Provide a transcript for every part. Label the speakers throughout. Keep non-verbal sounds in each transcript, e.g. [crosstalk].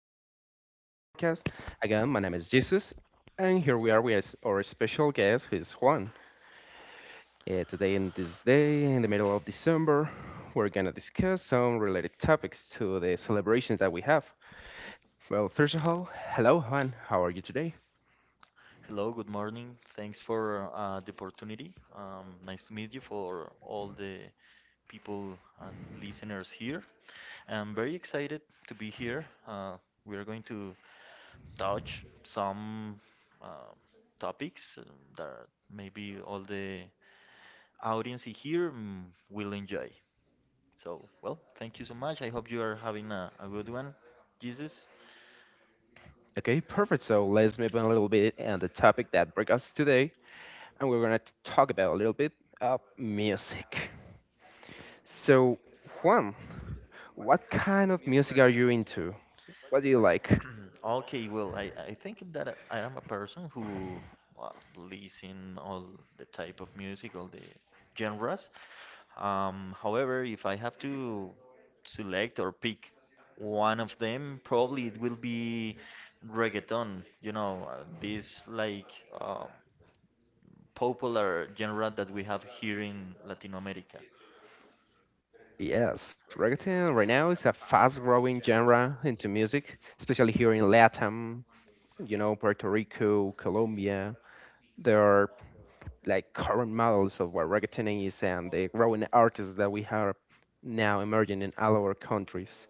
Speaker 1: Here we are again with the podcast. Again, my name is Jesus, and here we are with our special guest, who is Juan. Today, in this day, in the middle of December, we're gonna discuss some related topics to the celebrations that we have. Well, first of all, hello, Juan. How are you today?
Speaker 2: Hello, good morning. Thanks for the opportunity. Nice to meet you for all the people and listeners here. I'm very excited to be here. We are going to touch some uh, topics that maybe all the audience here will enjoy. So, thank you so much. I hope you are having a good one, Jesus.
Speaker 1: Okay, perfect. So let's move on a little bit on the topic that brings us today, and we're gonna talk about a little bit of music. So, Juan, what kind of music are you into? What do you like?
Speaker 2: Mm, Okay, well, I think that I am a person who believes in all the type of music, all the genres. However, if I have to select or pick one of them, probably it will be reggaeton. You know, this like um, popular genre that we have here in Latin America.
Speaker 1: Yes, reggaeton right now is a fast-growing genre into music, especially here in Latam, Puerto Rico, Colombia. There are like current models of what reggaeton is and the growing artists that we have now emerging in all our countries.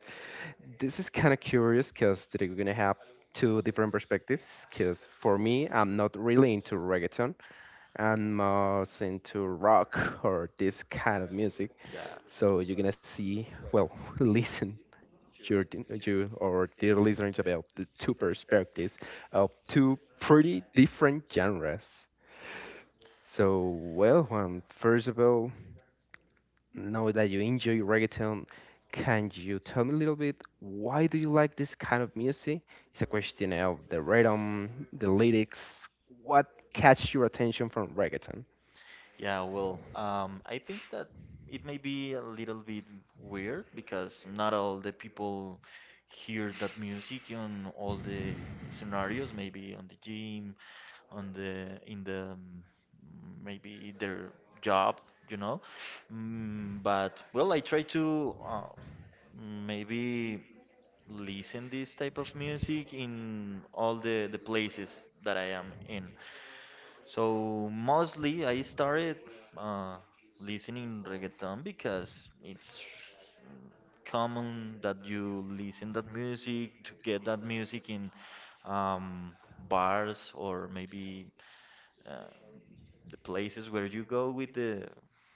Speaker 1: This is kind of curious because today we're gonna have two different perspectives. Because for me, I'm not really into reggaeton. I'm more into rock or this kind of music.
Speaker 2: Yeah.
Speaker 1: So you're gonna see, well, [laughs] listen, you or dear listeners, about the two perspectives of two pretty different genres. So well, Juan, first of all, know that you enjoy reggaeton. Can you tell me a little bit why do you like this kind of music? It's a question of the rhythm, the lyrics. What catch your attention from reggaeton?
Speaker 2: Yeah, well, I think that it may be a little bit weird because not all the people hear that music on all the scenarios, maybe on the gym, on the in the maybe their job, you know. But well, I try to maybe listen this type of music in all the places that I am in. So mostly I started uh, listening reggaeton because it's mm, common that you listen that music to get that music in bars or maybe um, the places where you go with the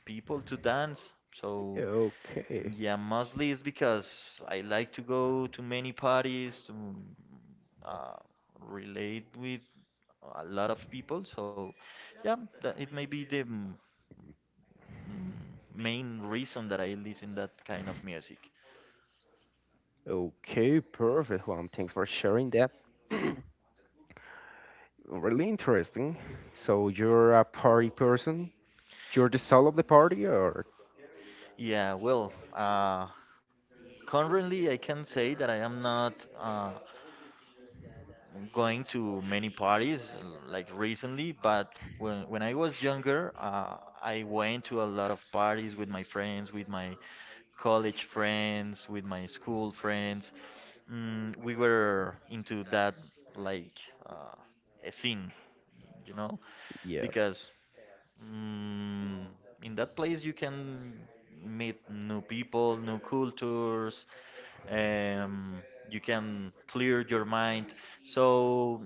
Speaker 2: people to dance. So
Speaker 1: Okay.
Speaker 2: yeah, mostly it's because I like to go to many parties to uh, relate with a lot of people. So yeah, that it may be the mm, main reason that I listen that kind of music.
Speaker 1: Okay, perfect, Juan. Thanks for sharing that. Really interesting. So you're a party person? You're the soul of the party, or
Speaker 2: Yeah, well, currently I can say that I am not. Going to many parties like recently, but when I was younger, I went to a lot of parties with my friends, with my college friends, with my school friends. We were into that like uh, a scene, you know,
Speaker 1: yeah?
Speaker 2: because. Mm, in that place, you can meet new people, new cultures. Um, you can clear your mind. So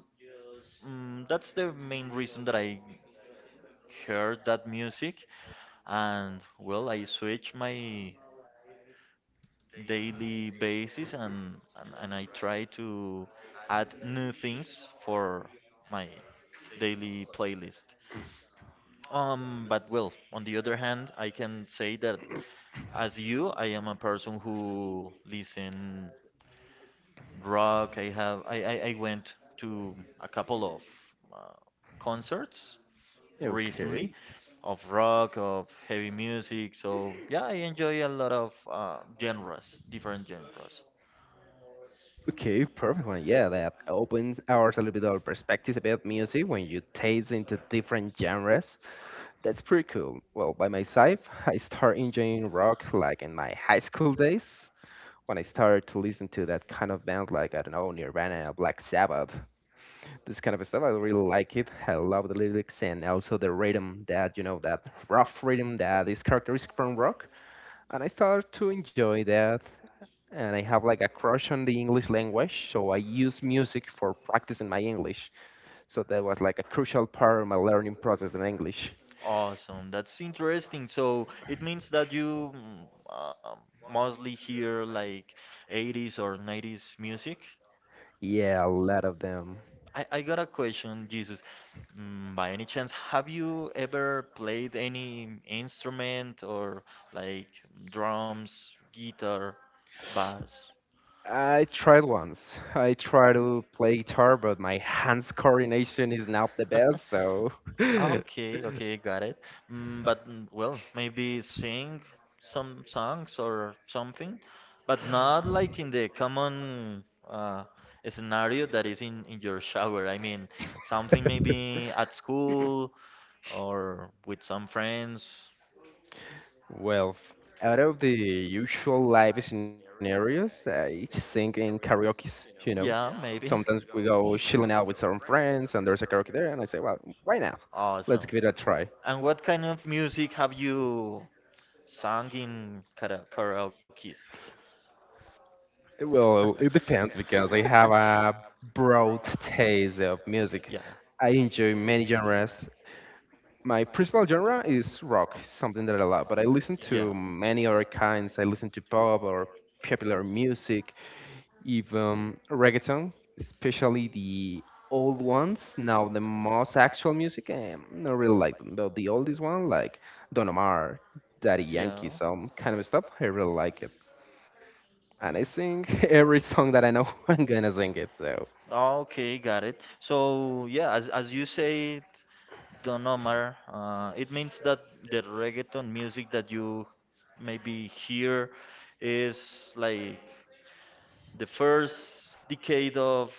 Speaker 2: mm, that's the main reason that I heard that music. And well, I switch my daily basis, and I try to add new things for my daily playlist. But well, on the other hand, I can say that as you, I am a person who listen rock. I have I went to a couple of uh, concerts
Speaker 1: Okay.
Speaker 2: recently of rock, of heavy music. So yeah, I enjoy a lot of genres, different genres.
Speaker 1: Okay, perfect one. Yeah, that opens ours a little bit our perspectives about music when you taste into different genres. That's pretty cool. Well, by myself, [laughs] I start enjoying rock like in my high school days when I started to listen to that kind of band, like, I don't know, Nirvana, Black Sabbath. This kind of stuff. I really like it. I love the lyrics and also the rhythm, that, you know, that rough rhythm that is characteristic from rock. And I started to enjoy that. And I have like a crush on the English language, so I use music for practicing my English. So that was like a crucial part of my learning process in English.
Speaker 2: Awesome, that's interesting. So it means that you um mostly hear like 80s or 90s music.
Speaker 1: Yeah, a lot of them.
Speaker 2: I got a question, Jesus. By any chance, have you ever played any instrument or like drums, guitar, bass?
Speaker 1: I tried once. I tried to play guitar, but my hands coordination is not the
Speaker 2: [laughs]
Speaker 1: best, so. [laughs]
Speaker 2: Okay, okay, got it. But well, maybe sing some songs or something, but not like in the common scenario that is in your shower. I mean, something
Speaker 1: [laughs]
Speaker 2: maybe at school or with some friends.
Speaker 1: Well, out of the usual live scenarios, I just sing in karaoke's.
Speaker 2: Yeah, maybe.
Speaker 1: Sometimes we go chilling out with some friends and there's a karaoke there, and I say, well, why not?
Speaker 2: Let's
Speaker 1: Let's
Speaker 2: Awesome.
Speaker 1: give it a try.
Speaker 2: And what kind of music have you Singing in kara- karaoke's. [laughs]
Speaker 1: Well, it depends because I have
Speaker 2: [laughs]
Speaker 1: a broad taste of music. I enjoy many genres. My principal genre is rock, something that I love, but I listen to many other kinds. I listen to pop or popular music. If reggaeton, especially the old ones. Now the most actual music, I not really like them. Though the oldest one, like Don Omar, Daddy Yankee, some kind of stuff, I really like it. And I sing [laughs] every song that I know. [laughs] I'm gonna
Speaker 2: [laughs]
Speaker 1: sing it. So
Speaker 2: So. Okay, got it. So yeah, as you said, don't it means that the reggaeton music that you maybe hear is like the first decade of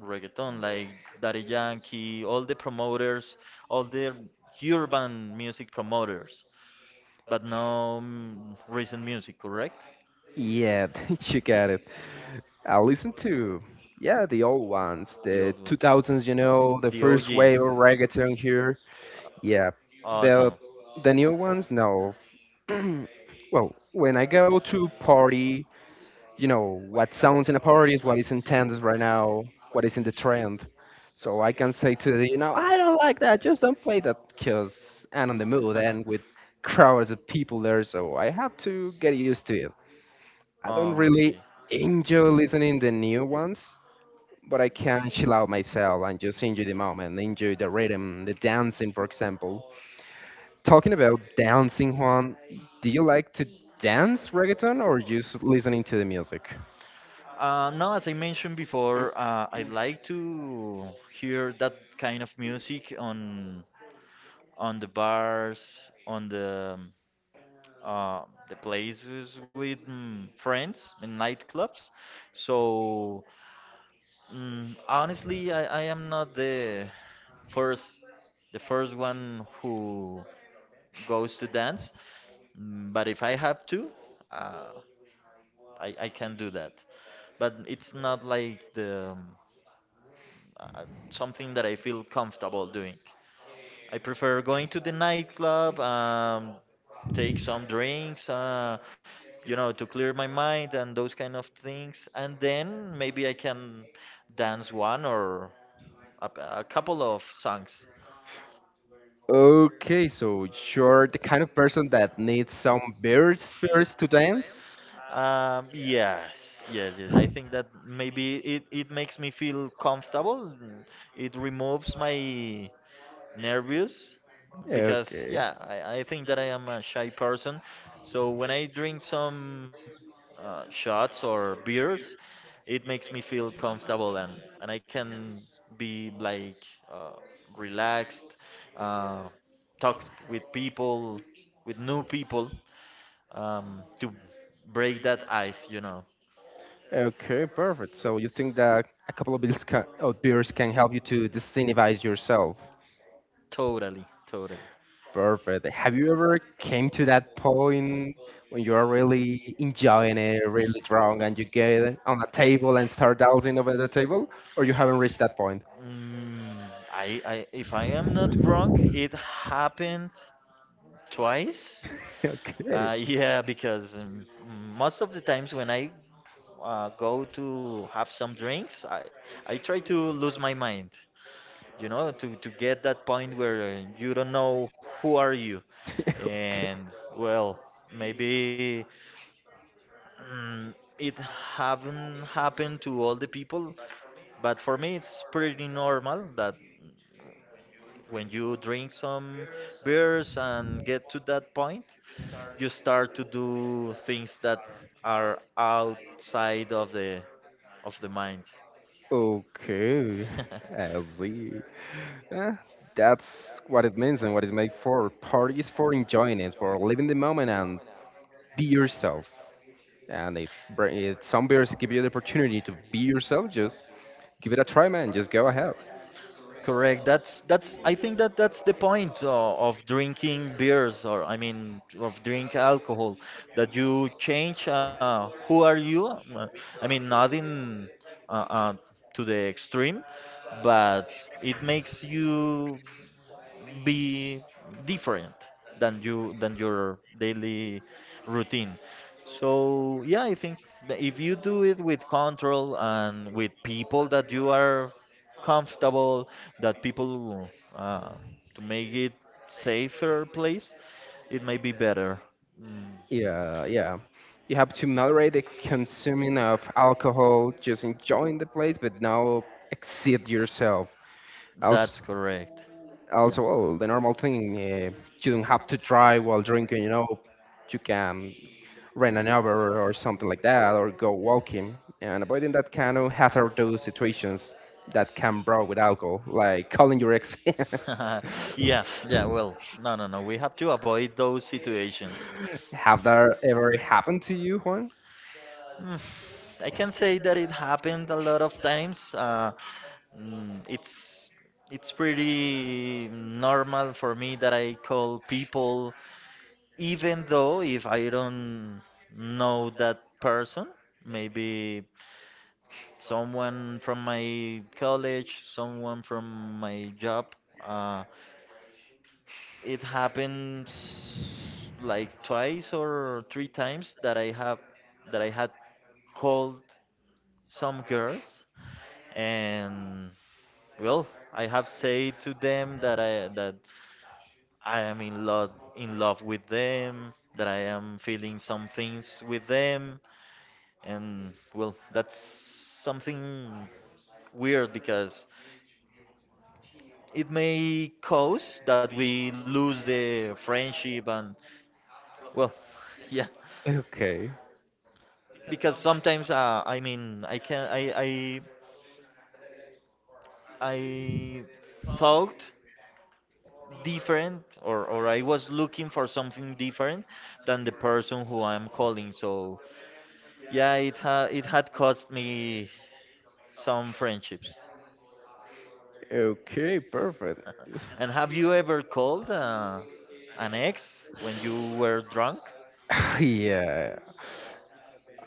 Speaker 2: reggaeton, like Daddy Yankee, all the promoters, all the urban music promoters, but no recent music, correct?
Speaker 1: yeah, [laughs] you got it. I listen to, yeah, the old ones,
Speaker 2: The
Speaker 1: the
Speaker 2: old ones.
Speaker 1: 2000s. You know, the
Speaker 2: OG.
Speaker 1: first wave of reggaeton here. Yeah, the
Speaker 2: Awesome.
Speaker 1: the new ones, no. [clears throat] Well, when I go to party, what sounds in a party is what is in tenders right now, what is in the trend. So I can say to the, I don't like that, just don't play that, because I'm on the mood and with crowds of people there, so I have to get used to it. I don't really
Speaker 2: [laughs] Okay.
Speaker 1: enjoy listening the new ones, but I can chill out myself and just enjoy the moment, enjoy the rhythm, the dancing, for example. Talking about dancing, Juan, do you like to dance reggaeton or just listening to the music?
Speaker 2: Now, as I mentioned before, I like to hear that kind of music on the bars, on uh, the places with friends in nightclubs. So honestly, I am not the first first one who goes to dance, but if I have to, uh, I can do that. But it's not like the something that I feel comfortable doing. I prefer going to the nightclub, take some drinks, you know, to clear my mind and those kind of things. And then maybe I can dance one or a, a couple of songs.
Speaker 1: Okay, so you're the kind of person that needs some birds first to dance?
Speaker 2: Yes, yes. I think that maybe it makes me feel comfortable. It removes my nervous because
Speaker 1: Okay.
Speaker 2: yeah, I think that I am a shy person. So when I drink some shots or beers, it makes me feel comfortable and I can be like uh, relaxed, uh, talk with people, with new people to break that ice, you know.
Speaker 1: Okay, perfect. So you think that a couple of beers can help you to disinhibize yourself?
Speaker 2: Totally, totally.
Speaker 1: Perfect. Have you ever came to that point when you are really enjoying it, really drunk, and you get on a table and start dancing over the table, or you haven't reached that point?
Speaker 2: If I am not wrong, it happened twice.
Speaker 1: [laughs] Okay. [laughs]
Speaker 2: [laughs] Yeah, because most of the times when I go to have some drinks, I try to lose my mind. You know, to get that point where you don't know who are you and well maybe it haven't happened to all the people, but for me it's pretty normal that when you drink some beers and get to that point you start to do things that are outside of the mind.
Speaker 1: Okay. Okay, I
Speaker 2: [laughs]
Speaker 1: see. Eh, that's what it means and what it's made for. Party is for enjoying it, for living the moment and be yourself. And if some beers give you the opportunity to be yourself, just give it a try, man. Just go ahead.
Speaker 2: Correct. That's that's. I think that that's the point of drinking beers, or I mean, of drink alcohol, that you change. Who are you? I mean, not in uh, uh, to the extreme, but it makes you be different than you, than your daily routine. So yeah, I think that if you do it with control and with people that you are comfortable, that people uh, to make it safer place, it may be better. Mm,
Speaker 1: Yeah, yeah. You have to moderate the consuming of alcohol, just enjoying the place, but now exceed yourself. Also,
Speaker 2: that's correct. Yeah.
Speaker 1: well, the normal thing, you don't have to drive while drinking, you know. You can rent an Uber or something like that, or go walking, and avoiding that kind of hazardous situations that can brought with alcohol, like calling your ex. [laughs]
Speaker 2: [laughs] [laughs] Yeah, yeah, well, no, no, no. We have to avoid those situations.
Speaker 1: Have that ever happened to you, Juan?
Speaker 2: Mm, I can say that it happened a lot of times. Mm, it's it's pretty normal for me that I call people, even though if I don't know that person, maybe someone from my college, someone from my job. Uh, it happens like twice or three times that I have that I had called some girls, and well, I have said to them that I am in love with them, that I am feeling some things with them. And well, that's something weird because it may cause that we lose the friendship. And well, [laughs] yeah,
Speaker 1: Okay.
Speaker 2: because sometimes, I mean, i I thought different, or I was looking for something different than the person who I'm calling. So yeah, it had cost me some friendships.
Speaker 1: Okay, perfect.
Speaker 2: [laughs] And have you ever called an ex when you were drunk?
Speaker 1: [sighs] Yeah.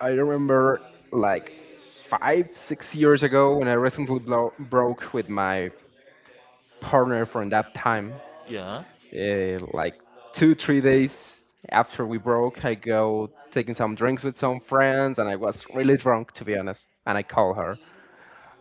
Speaker 1: I remember like five, 6 years ago when I recently broke with my partner from that time.
Speaker 2: Yeah.
Speaker 1: Like two, 3 days after we broke, I go taking some drinks with some friends, and I was really drunk to be honest. And I call her,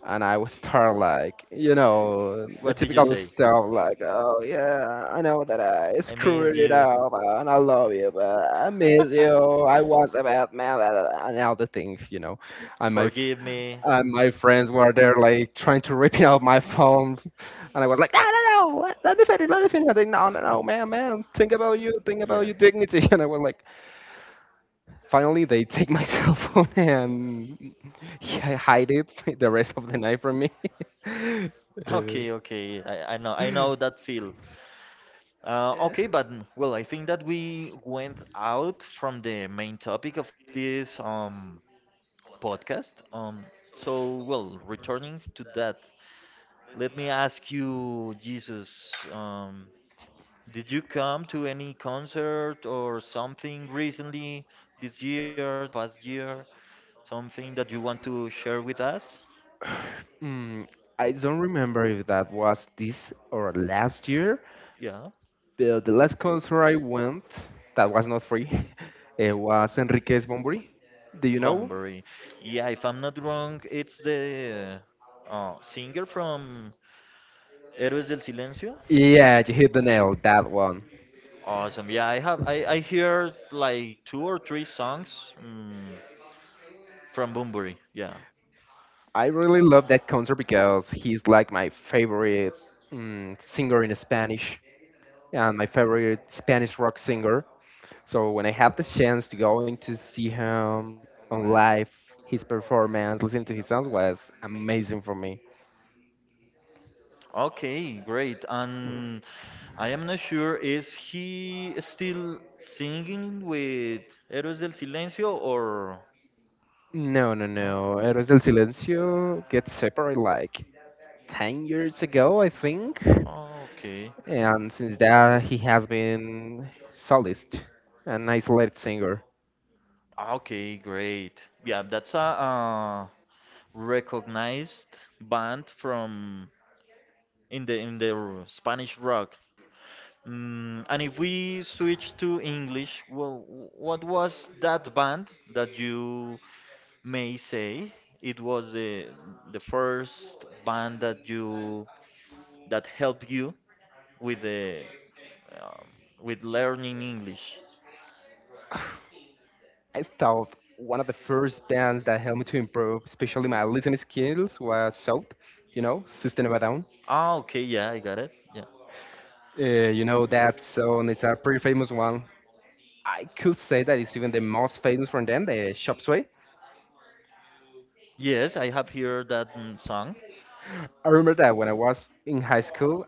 Speaker 1: and I was start like, the
Speaker 2: What did you
Speaker 1: typical
Speaker 2: say?
Speaker 1: stuff like, oh yeah, I know that I
Speaker 2: I miss
Speaker 1: screwed it
Speaker 2: you. [laughs]
Speaker 1: up, and I love you, but I miss you. I was a bad man, blah, blah, blah," and all the things, and my
Speaker 2: Forgive me.
Speaker 1: and my friends were there like trying to rip it out my phone, and I was like, no, no, no, let me finish, let me finish, and they, no, no, no, man, man, think about you, think about
Speaker 2: Yeah.
Speaker 1: your dignity. [laughs] And I was like, finally they take my [laughs] cell phone and [laughs] hide it [laughs] the rest of the night from me. [laughs]
Speaker 2: Okay, okay. I know, I know that feel. Uh, okay,
Speaker 1: Uh,
Speaker 2: but mm, well, I think that we went out from the main topic of this podcast. So, well, returning to that, let me ask you, Jesus, did you come to any concert or something recently this year, the past year? Something that you want to share with us?
Speaker 1: mm, I don't remember if that was this or last year,
Speaker 2: Yeah,
Speaker 1: but the last concert I went that was not free, [laughs] it was Enriquez Bombri, do you know?
Speaker 2: Bunbury. Yeah, if I'm not wrong, it's the singer from Héroes del Silencio.
Speaker 1: Yeah, you hit the nail, that one.
Speaker 2: Awesome. Yeah, I have. I hear like two or three songs from Bunbury. Yeah.
Speaker 1: I really love that concert because he's like my favorite singer in Spanish and my favorite Spanish rock singer. So when I have the chance to go in to see him on live, his performance, listening to his songs was amazing for me.
Speaker 2: Okay, great. And I am not sure, is he still singing with Héroes del Silencio or
Speaker 1: No, no,
Speaker 2: no?
Speaker 1: no. Héroes del Silencio get separate like 10 years ago, I think.
Speaker 2: Okay.
Speaker 1: And since that, he has been solist, an isolated singer.
Speaker 2: Ah, Okay, great. Yeah, that's a, recognized band from Spanish rock. And if we switch to English, well, what was that band that you may say it was the first band that you that helped you with the um, with learning English.
Speaker 1: I thought one of the first bands that helped me to improve, especially my listening skills, was South, System of a Down.
Speaker 2: Ah, okay, yeah, I got it. Yeah.
Speaker 1: Uh, you know that song, it's a pretty famous one. I could say that it's even the most famous from them, the Chop Suey.
Speaker 2: Yes, I have heard that song.
Speaker 1: I remember that when I was in high school,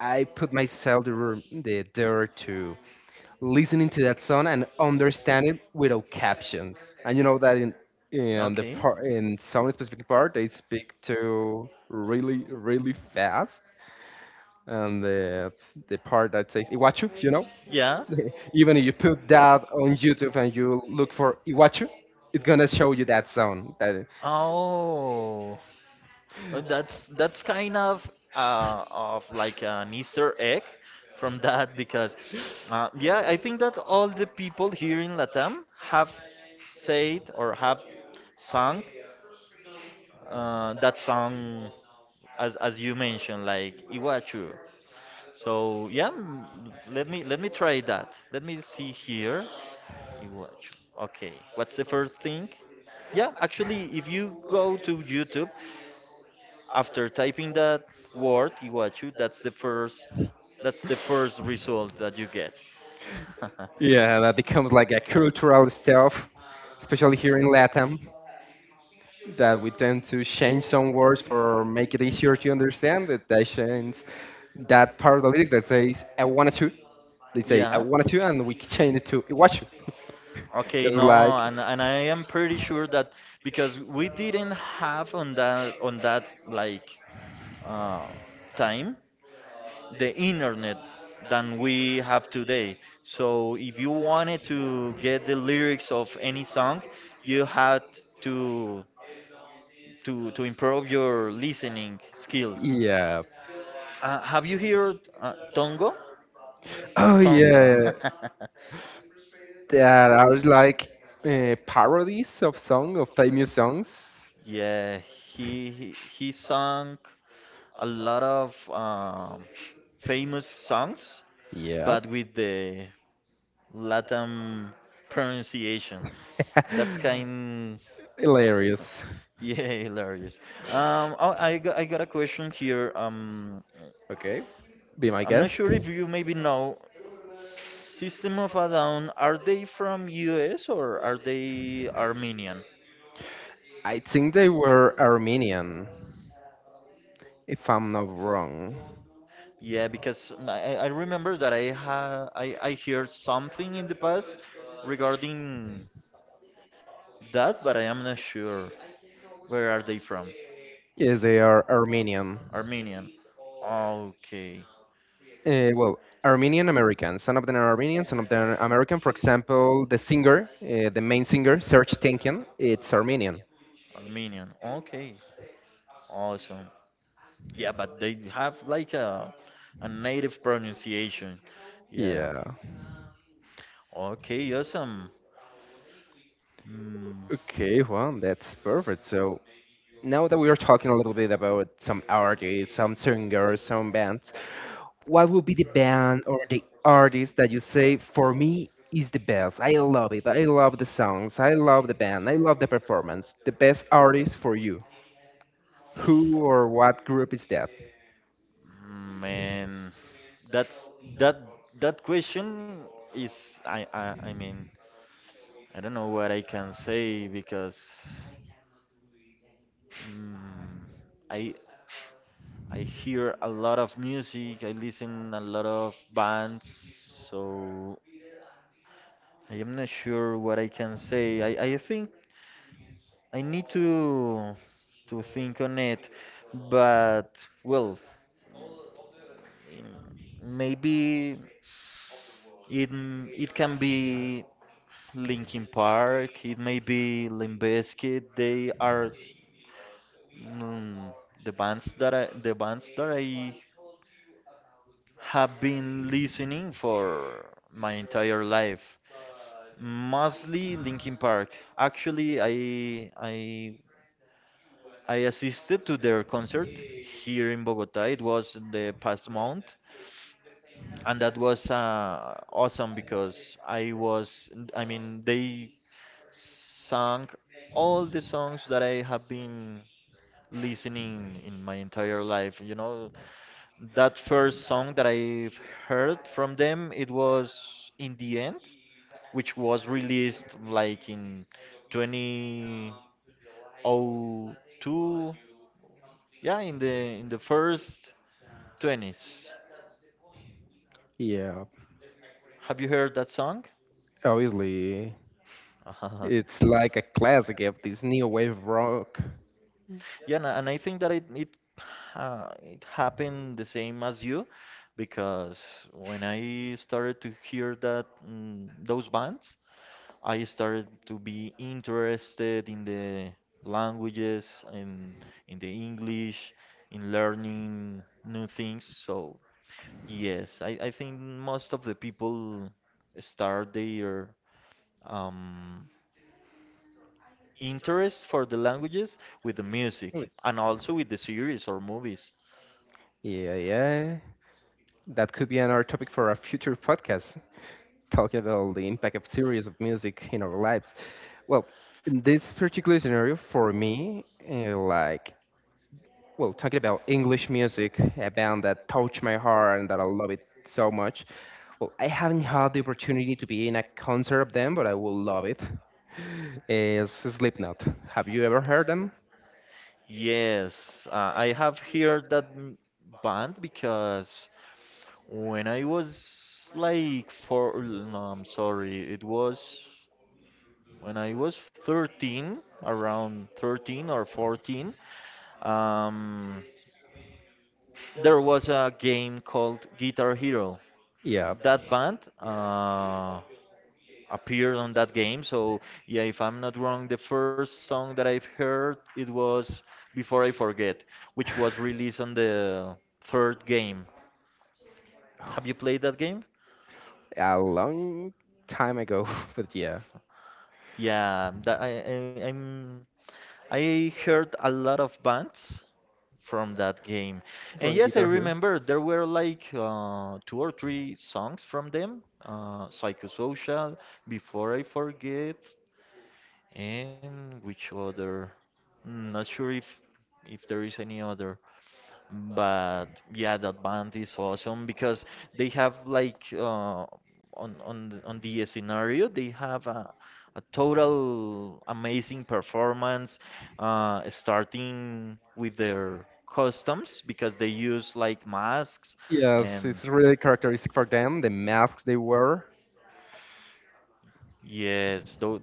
Speaker 1: I put myself the dare to listening to that song and understand it without captions. And you know that in the
Speaker 2: Okay.
Speaker 1: part, in some specific part, they speak to really really fast, and the part that says Iwachu.
Speaker 2: Yeah.
Speaker 1: [laughs] Even if you put that on YouTube and you look for Iwachu, it's gonna show you that song. That
Speaker 2: Oh. That's kind of like an Easter egg from that because yeah, I think that all the people here in Latam have said or have sung that song as you mentioned, like Iwachu. So yeah, let me try that. Let me see here. Iwachu. Okay, what's the first thing? Yeah, actually, if you go to YouTube, after typing that word, Iguachu, that's the first result that you get. [laughs]
Speaker 1: yeah, that becomes like a cultural stuff, especially here in Latam, that we tend to change some words for make it easier to understand. That they change that part of the lyrics that says I wanna to. They say I
Speaker 2: Yeah.
Speaker 1: wanna to, and we change it to Iwachu, [laughs]
Speaker 2: Okay,
Speaker 1: because like
Speaker 2: no, and I am pretty sure that because we didn't have on that like uh, time the internet than we have today. So if you wanted to get the lyrics of any song, you had to to improve your listening skills.
Speaker 1: yeah.
Speaker 2: Have you heard Tongo?
Speaker 1: Oh
Speaker 2: Oh Tongo.
Speaker 1: yeah.
Speaker 2: [laughs] yeah.
Speaker 1: There are like parodies of song of famous songs.
Speaker 2: Yeah, he sung a lot of famous songs,
Speaker 1: Yeah.
Speaker 2: but with the Latin pronunciation. That's
Speaker 1: [laughs]
Speaker 2: kind
Speaker 1: Hilarious.
Speaker 2: Yeah, hilarious. I got a question here.
Speaker 1: Okay. Be my
Speaker 2: I'm not
Speaker 1: guest.
Speaker 2: sure if you maybe know. System of a Down, are they from US or are they Armenian?
Speaker 1: I think they were Armenian, if I'm not wrong.
Speaker 2: Yeah, because I remember that I heard something in the past regarding that, but I am not sure. Where are they from?
Speaker 1: Yes, they are Armenian.
Speaker 2: Armenian. Okay,
Speaker 1: Well, Armenian American. Some of them are Armenian, some of them are American. For example, the singer, the main singer, Serge Tankian, it's Armenian.
Speaker 2: Armenian. Okay, awesome. Yeah, but they have like a native pronunciation. Yeah.
Speaker 1: Yeah.
Speaker 2: Okay, awesome. Mm,
Speaker 1: Okay, well, that's perfect. So now that we are talking a little bit about some artists, some singers, some bands, what would be the band or the artist that you say for me is the best? I love it. I love the songs. I love the band. I love the performance. The best artist for you. Who or what group is that?
Speaker 2: man, that's that that question is I mean I don't know what I can say because mm, I I hear a lot of music. I listen a lot of bands, so I am not sure what I can say. I think I need to think on it, but well, mm, maybe it can be Linkin Park, it may be Limp Bizkit. They are mm, the bands that I have been listening for my entire life. Mostly Linkin Park. Actually, I assisted to their concert here in Bogota. It was the past month, and that was awesome because I was, I mean, they sang all the songs that I have been listening in my entire life. That first song that I heard from them, it was In the End, which was released like in 2002, yeah, in the first 20s.
Speaker 1: Yeah,
Speaker 2: Have you heard that song?
Speaker 1: obviously
Speaker 2: [laughs]
Speaker 1: it's like a classic of this new wave rock.
Speaker 2: Yeah, and I think that it it happened the same as you, because when I started to hear those bands, I started to be interested in the languages and in the English, in learning new things. So yes, I think most of the people start their um, interest for the languages with the music, and also with the series or movies.
Speaker 1: Yeah, yeah. That could be another topic for a future podcast. Talk about the impact of series of music in our lives. Well, in this particular scenario for me, like, well, talking about English music, a band that touched my heart and that I love it so much. Well, I haven't had the opportunity to be in a concert of them, but I will love it. [laughs] Is Slipknot. Have you ever heard them?
Speaker 2: Yes, I have heard that band because when I was like four, no, I'm sorry, it was when I was 13, around 13 or 14, um, there was a game called Guitar Hero.
Speaker 1: Yeah,
Speaker 2: That band, appeared on that game. So yeah, if I'm not wrong, the first song that I've heard it was Before I Forget, which was released on the third game. Have you played that game?
Speaker 1: a long time ago, [laughs] but yeah,
Speaker 2: Yeah, that I heard a lot of bands from that game. And
Speaker 1: from
Speaker 2: yes, I
Speaker 1: Guitar Hero.
Speaker 2: remember there were like two or three songs from them. Psychosocial, Before I Forget. And which other? Not sure if there is any other, but yeah, that band is awesome because they have like on the scenario they have a total amazing performance, starting with their customs because they use like masks
Speaker 1: Yes, it's
Speaker 2: and.
Speaker 1: really characteristic for them, the masks they wear.
Speaker 2: Yes,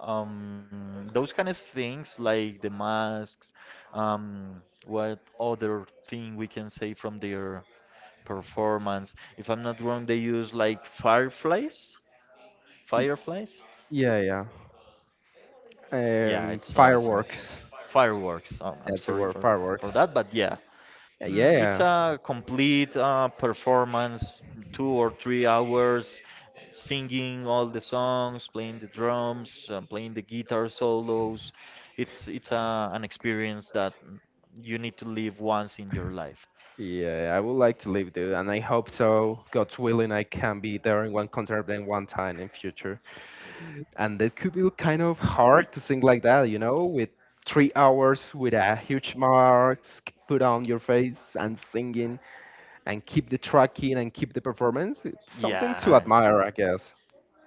Speaker 2: those kind of things like the masks. What other thing we can say from their performance? If I'm not wrong, they use like fireflies, fireflies.
Speaker 1: Yeah, yeah.
Speaker 2: Yeah, it's awesome.
Speaker 1: Fireworks.
Speaker 2: Fireworks. Oh, I'm
Speaker 1: That's the
Speaker 2: sorry
Speaker 1: word,
Speaker 2: for
Speaker 1: fireworks.
Speaker 2: that, but yeah. It's
Speaker 1: Yeah.
Speaker 2: a complete performance, 2 or 3 hours, singing all the songs, playing the drums, playing the guitar solos. An experience that you need to live once in your life.
Speaker 1: Yeah, I would like to live there, and I hope so. God's willing, I can be there in one concert then one time in future. And it could be kind of hard to sing like that, you know, with 3 hours with a huge mask put on your face and singing and keep the tracking and keep the performance. It's something to
Speaker 2: Yeah.
Speaker 1: admire, I guess.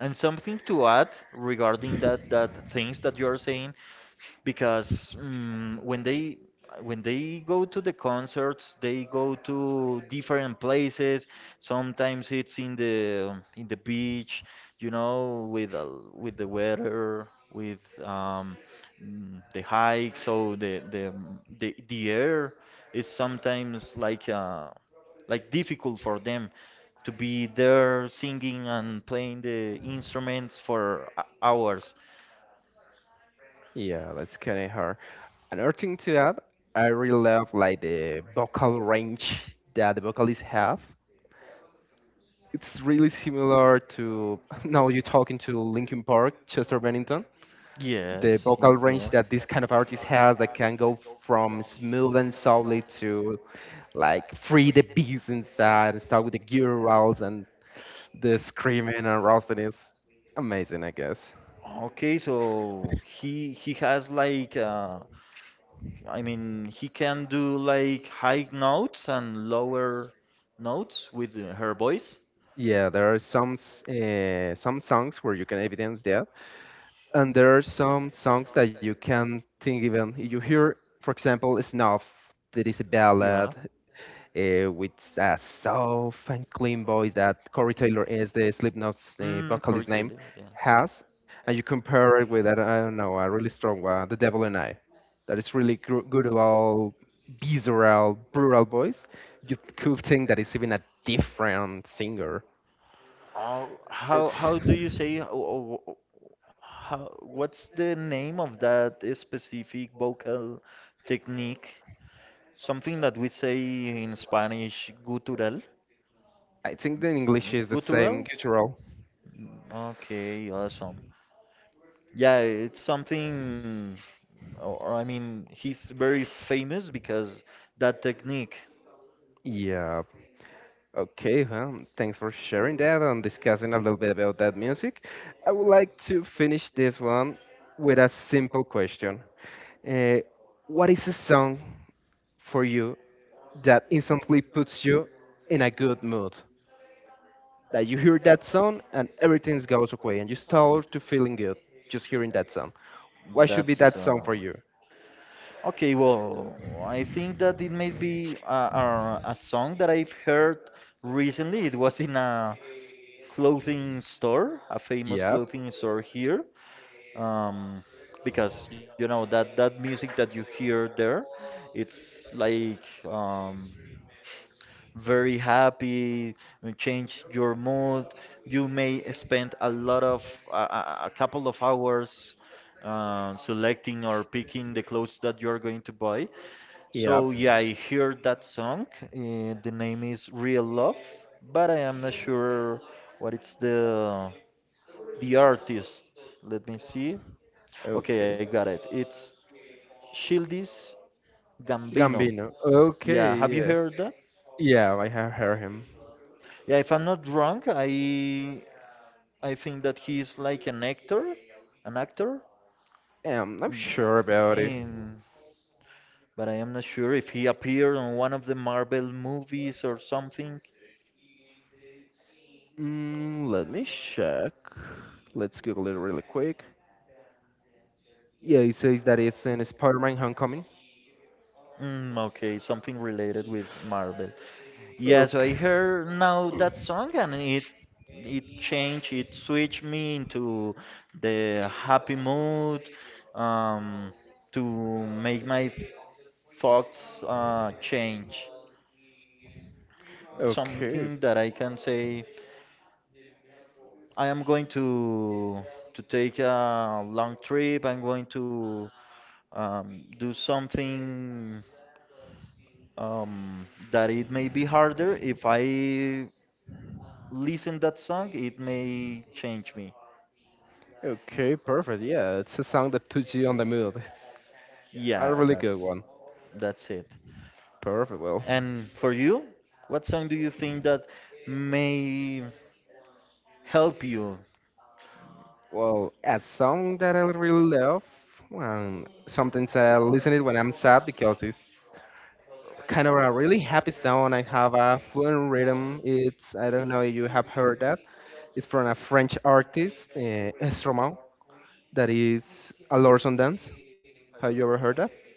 Speaker 2: And something to add regarding that things that you are saying because when they go to the concerts, they go to different places. Sometimes it's in the beach, you know, with the weather, with um, the hike, so the air is sometimes like difficult for them to be there singing and playing the instruments for hours.
Speaker 1: Yeah, that's kind of hard. Another thing to add, I really love like the vocal range that the vocalists have. It's really similar to [laughs] now you're talking to Linkin Park, Chester Bennington. The
Speaker 2: Yes,
Speaker 1: vocal
Speaker 2: yes.
Speaker 1: range that this kind of artist has that can go from smooth and softly to like free the beats inside and start with the gurals and the screaming and roasting is amazing, I guess.
Speaker 2: Okay, so he has like I mean he can do like high notes and lower notes with her voice.
Speaker 1: Yeah, there are some some songs where you can evidence that, and there are some songs that you can think even you hear, for example, snuff. There is a
Speaker 2: Yeah.
Speaker 1: ballad with a soft and clean voice that Corey Taylor, is the Slipknot's
Speaker 2: Corey
Speaker 1: vocalist name,
Speaker 2: Taylor. Yeah.
Speaker 1: has. And you compare it with, I don't know, a really strong one, the devil and I, that is really good old visceral brutal voice, you could think that it's even a different singer.
Speaker 2: Oh,
Speaker 1: It's,
Speaker 2: how do you say, oh, oh, oh, oh, how what's the name of that specific vocal technique? Something that we say in Spanish, gutural.
Speaker 1: I think the English is the same,
Speaker 2: Gutural?
Speaker 1: guttural.
Speaker 2: Okay, awesome. Yeah, it's something, or, I mean, he's very famous because that technique.
Speaker 1: Yeah. Okay, well, thanks for sharing that and discussing a little bit about that music. I would like to finish this one with a simple question. Uh, what is a song for you that instantly puts you in a good mood? That you hear that song and everything goes away and you start to feeling good just hearing that song. What should be
Speaker 2: That's
Speaker 1: that song for you?
Speaker 2: okay. Well, I think that it may be a song that I've heard recently. It was in a clothing store, a famous
Speaker 1: Yep,
Speaker 2: clothing store here. um, because you know that that music that you hear there, it's like very happy, change your mood. You may spend a lot of a couple of hours selecting or picking the clothes that you're going to buy. So
Speaker 1: yep,
Speaker 2: yeah, I heard that song. The name is Real Love, but I am not sure what it's the artist. Let me see. Okay, I
Speaker 1: okay.
Speaker 2: got it. It's Shieldis Gambino.
Speaker 1: Gambino, okay,
Speaker 2: Yeah, have you
Speaker 1: yeah.
Speaker 2: heard that?
Speaker 1: Yeah, I have heard him.
Speaker 2: Yeah, if I'm not wrong, I think that he is like an actor.
Speaker 1: I'm
Speaker 2: Mm,
Speaker 1: sure about it.
Speaker 2: and but I am not sure if he appeared on one of the Marvel movies or something.
Speaker 1: Mm, let me check. Let's Google it really quick. Yeah, it says that it's in Spider-Man Homecoming.
Speaker 2: Okay, something related with Marvel. Yeah, so I
Speaker 1: Okay.
Speaker 2: heard now that song and it changed, it switched me into the happy mood, um, to make my thoughts change.
Speaker 1: Okay.
Speaker 2: Something that I can say, I am going to take a long trip. I'm going to do something um, that it may be harder. If I listen that song, it may change me.
Speaker 1: Okay. Perfect. Yeah, it's a song that puts you on the mood. It's
Speaker 2: Yeah,
Speaker 1: a really good one.
Speaker 2: that's it.
Speaker 1: Perfect. Well,
Speaker 2: And for you, what song do you think that may help you?
Speaker 1: well, a song that I really love. Sometimes I listen it when I'm sad because it's kind of a really happy sound. I have a fluent rhythm. It's, I don't know if you have heard that. It's from a French artist, Stromae, that is a Lorson dance. Have you ever heard that?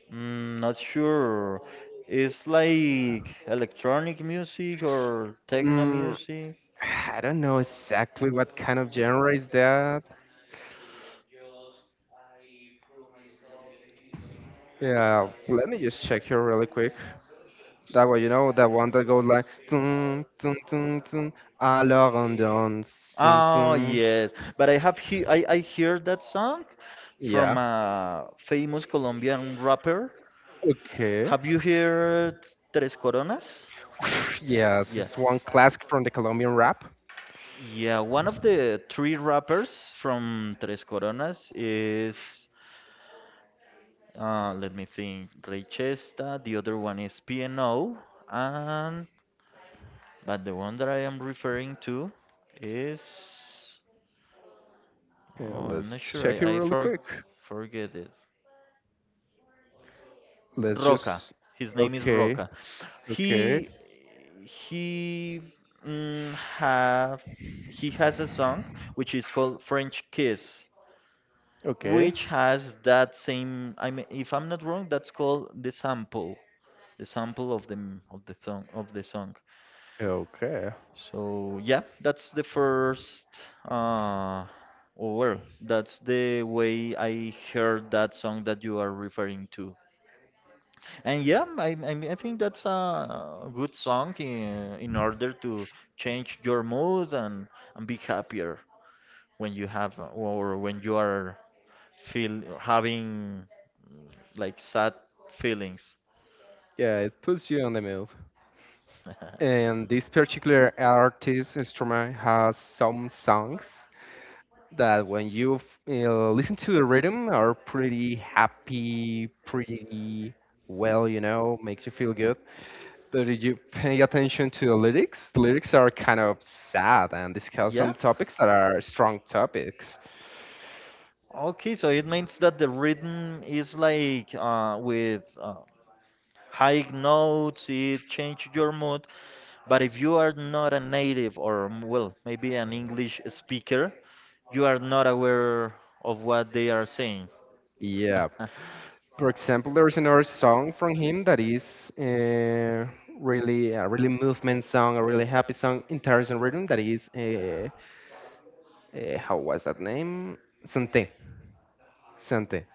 Speaker 2: Not sure. It's like electronic music or techno
Speaker 1: Mm,
Speaker 2: music.
Speaker 1: [sighs] I don't know exactly what kind of genre is that. Yeah, let me just check here really quick. That way, you know, that one that goes like dun, dun, dun, dun, alors on dance. Dun,
Speaker 2: Oh
Speaker 1: dun."
Speaker 2: yes, but I have he I hear that song from
Speaker 1: Yeah.
Speaker 2: a famous Colombian rapper.
Speaker 1: Okay.
Speaker 2: Have you heard Tres Coronas?
Speaker 1: [sighs] Yes,
Speaker 2: Yeah.
Speaker 1: it's one classic from the Colombian rap.
Speaker 2: Yeah, one of the three rappers from Tres Coronas is, let me think, Ray Chesta, the other one is PNO, and but the one that I am referring to is,
Speaker 1: Yeah,
Speaker 2: oh, I'm
Speaker 1: let's
Speaker 2: not sure,
Speaker 1: check it
Speaker 2: I
Speaker 1: really quick.
Speaker 2: forget it.
Speaker 1: Let's
Speaker 2: Roca.
Speaker 1: just.
Speaker 2: His name is
Speaker 1: Okay,
Speaker 2: Roca.
Speaker 1: okay,
Speaker 2: He he mm, have he has a song which is called French Kiss,
Speaker 1: okay,
Speaker 2: which has that same. I mean, if I'm not wrong, that's called the sample of the of the song of the song.
Speaker 1: okay.
Speaker 2: So yeah, that's the first. Uh, or well, that's the way I heard that song that you are referring to. And yeah, I think that's a good song in order to change your mood, and be happier when you have or when you are feel having like sad feelings.
Speaker 1: Yeah, it puts you on the move.
Speaker 2: [laughs]
Speaker 1: And this particular artist, Stromae, has some songs that when you listen to the rhythm are pretty happy, pretty, well, you know, makes you feel good. But did you pay attention to the lyrics? The lyrics are kind of sad and discuss
Speaker 2: Yeah.
Speaker 1: some topics that are strong topics.
Speaker 2: Okay, so it means that the rhythm is like with high notes, it changes your mood. But if you are not a native or, well, maybe an English speaker, you are not aware of what they are saying.
Speaker 1: Yeah.
Speaker 2: [laughs]
Speaker 1: For example, there's another song from him that is really a really movement song, a really happy song in terms of rhythm. That is, how was that name? Sante. Sante.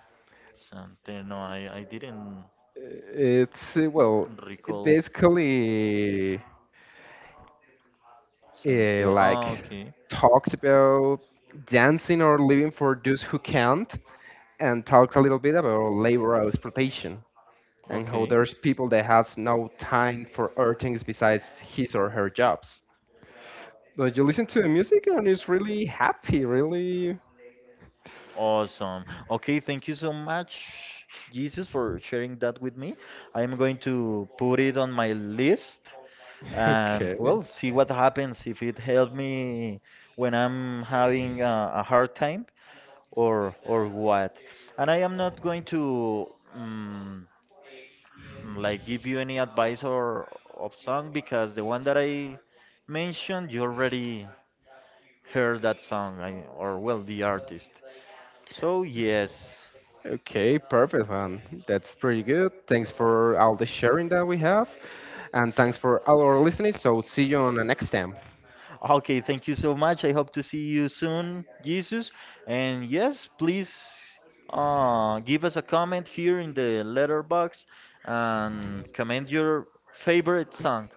Speaker 2: Sante, no, I didn't
Speaker 1: It's well, it
Speaker 2: recall
Speaker 1: basically
Speaker 2: Sante. Ah,
Speaker 1: like
Speaker 2: okay,
Speaker 1: talks about dancing or living for those who can't, and talks a little bit about labor exploitation and how
Speaker 2: okay.
Speaker 1: there's people that has no time for other things besides his or her jobs. But you listen to the music and it's really happy, really
Speaker 2: Awesome. Okay, thank you so much, Jesus, for sharing that with me. I'm going to put it on my list
Speaker 1: [laughs]
Speaker 2: and,
Speaker 1: okay.
Speaker 2: well, see what happens, if it helped me when I'm having a hard time, or what. And I am not going to um, like give you any advice or of song because the one that I mentioned, you already heard that song, or well, the artist. So, yes.
Speaker 1: Okay, perfect man. That's pretty good. Thanks for all the sharing that we have. And thanks for all our listening. So see you on the next time.
Speaker 2: Okay, thank you so much. I hope to see you soon, Jesus. And yes, please give us a comment here in the letterbox and comment your favorite song.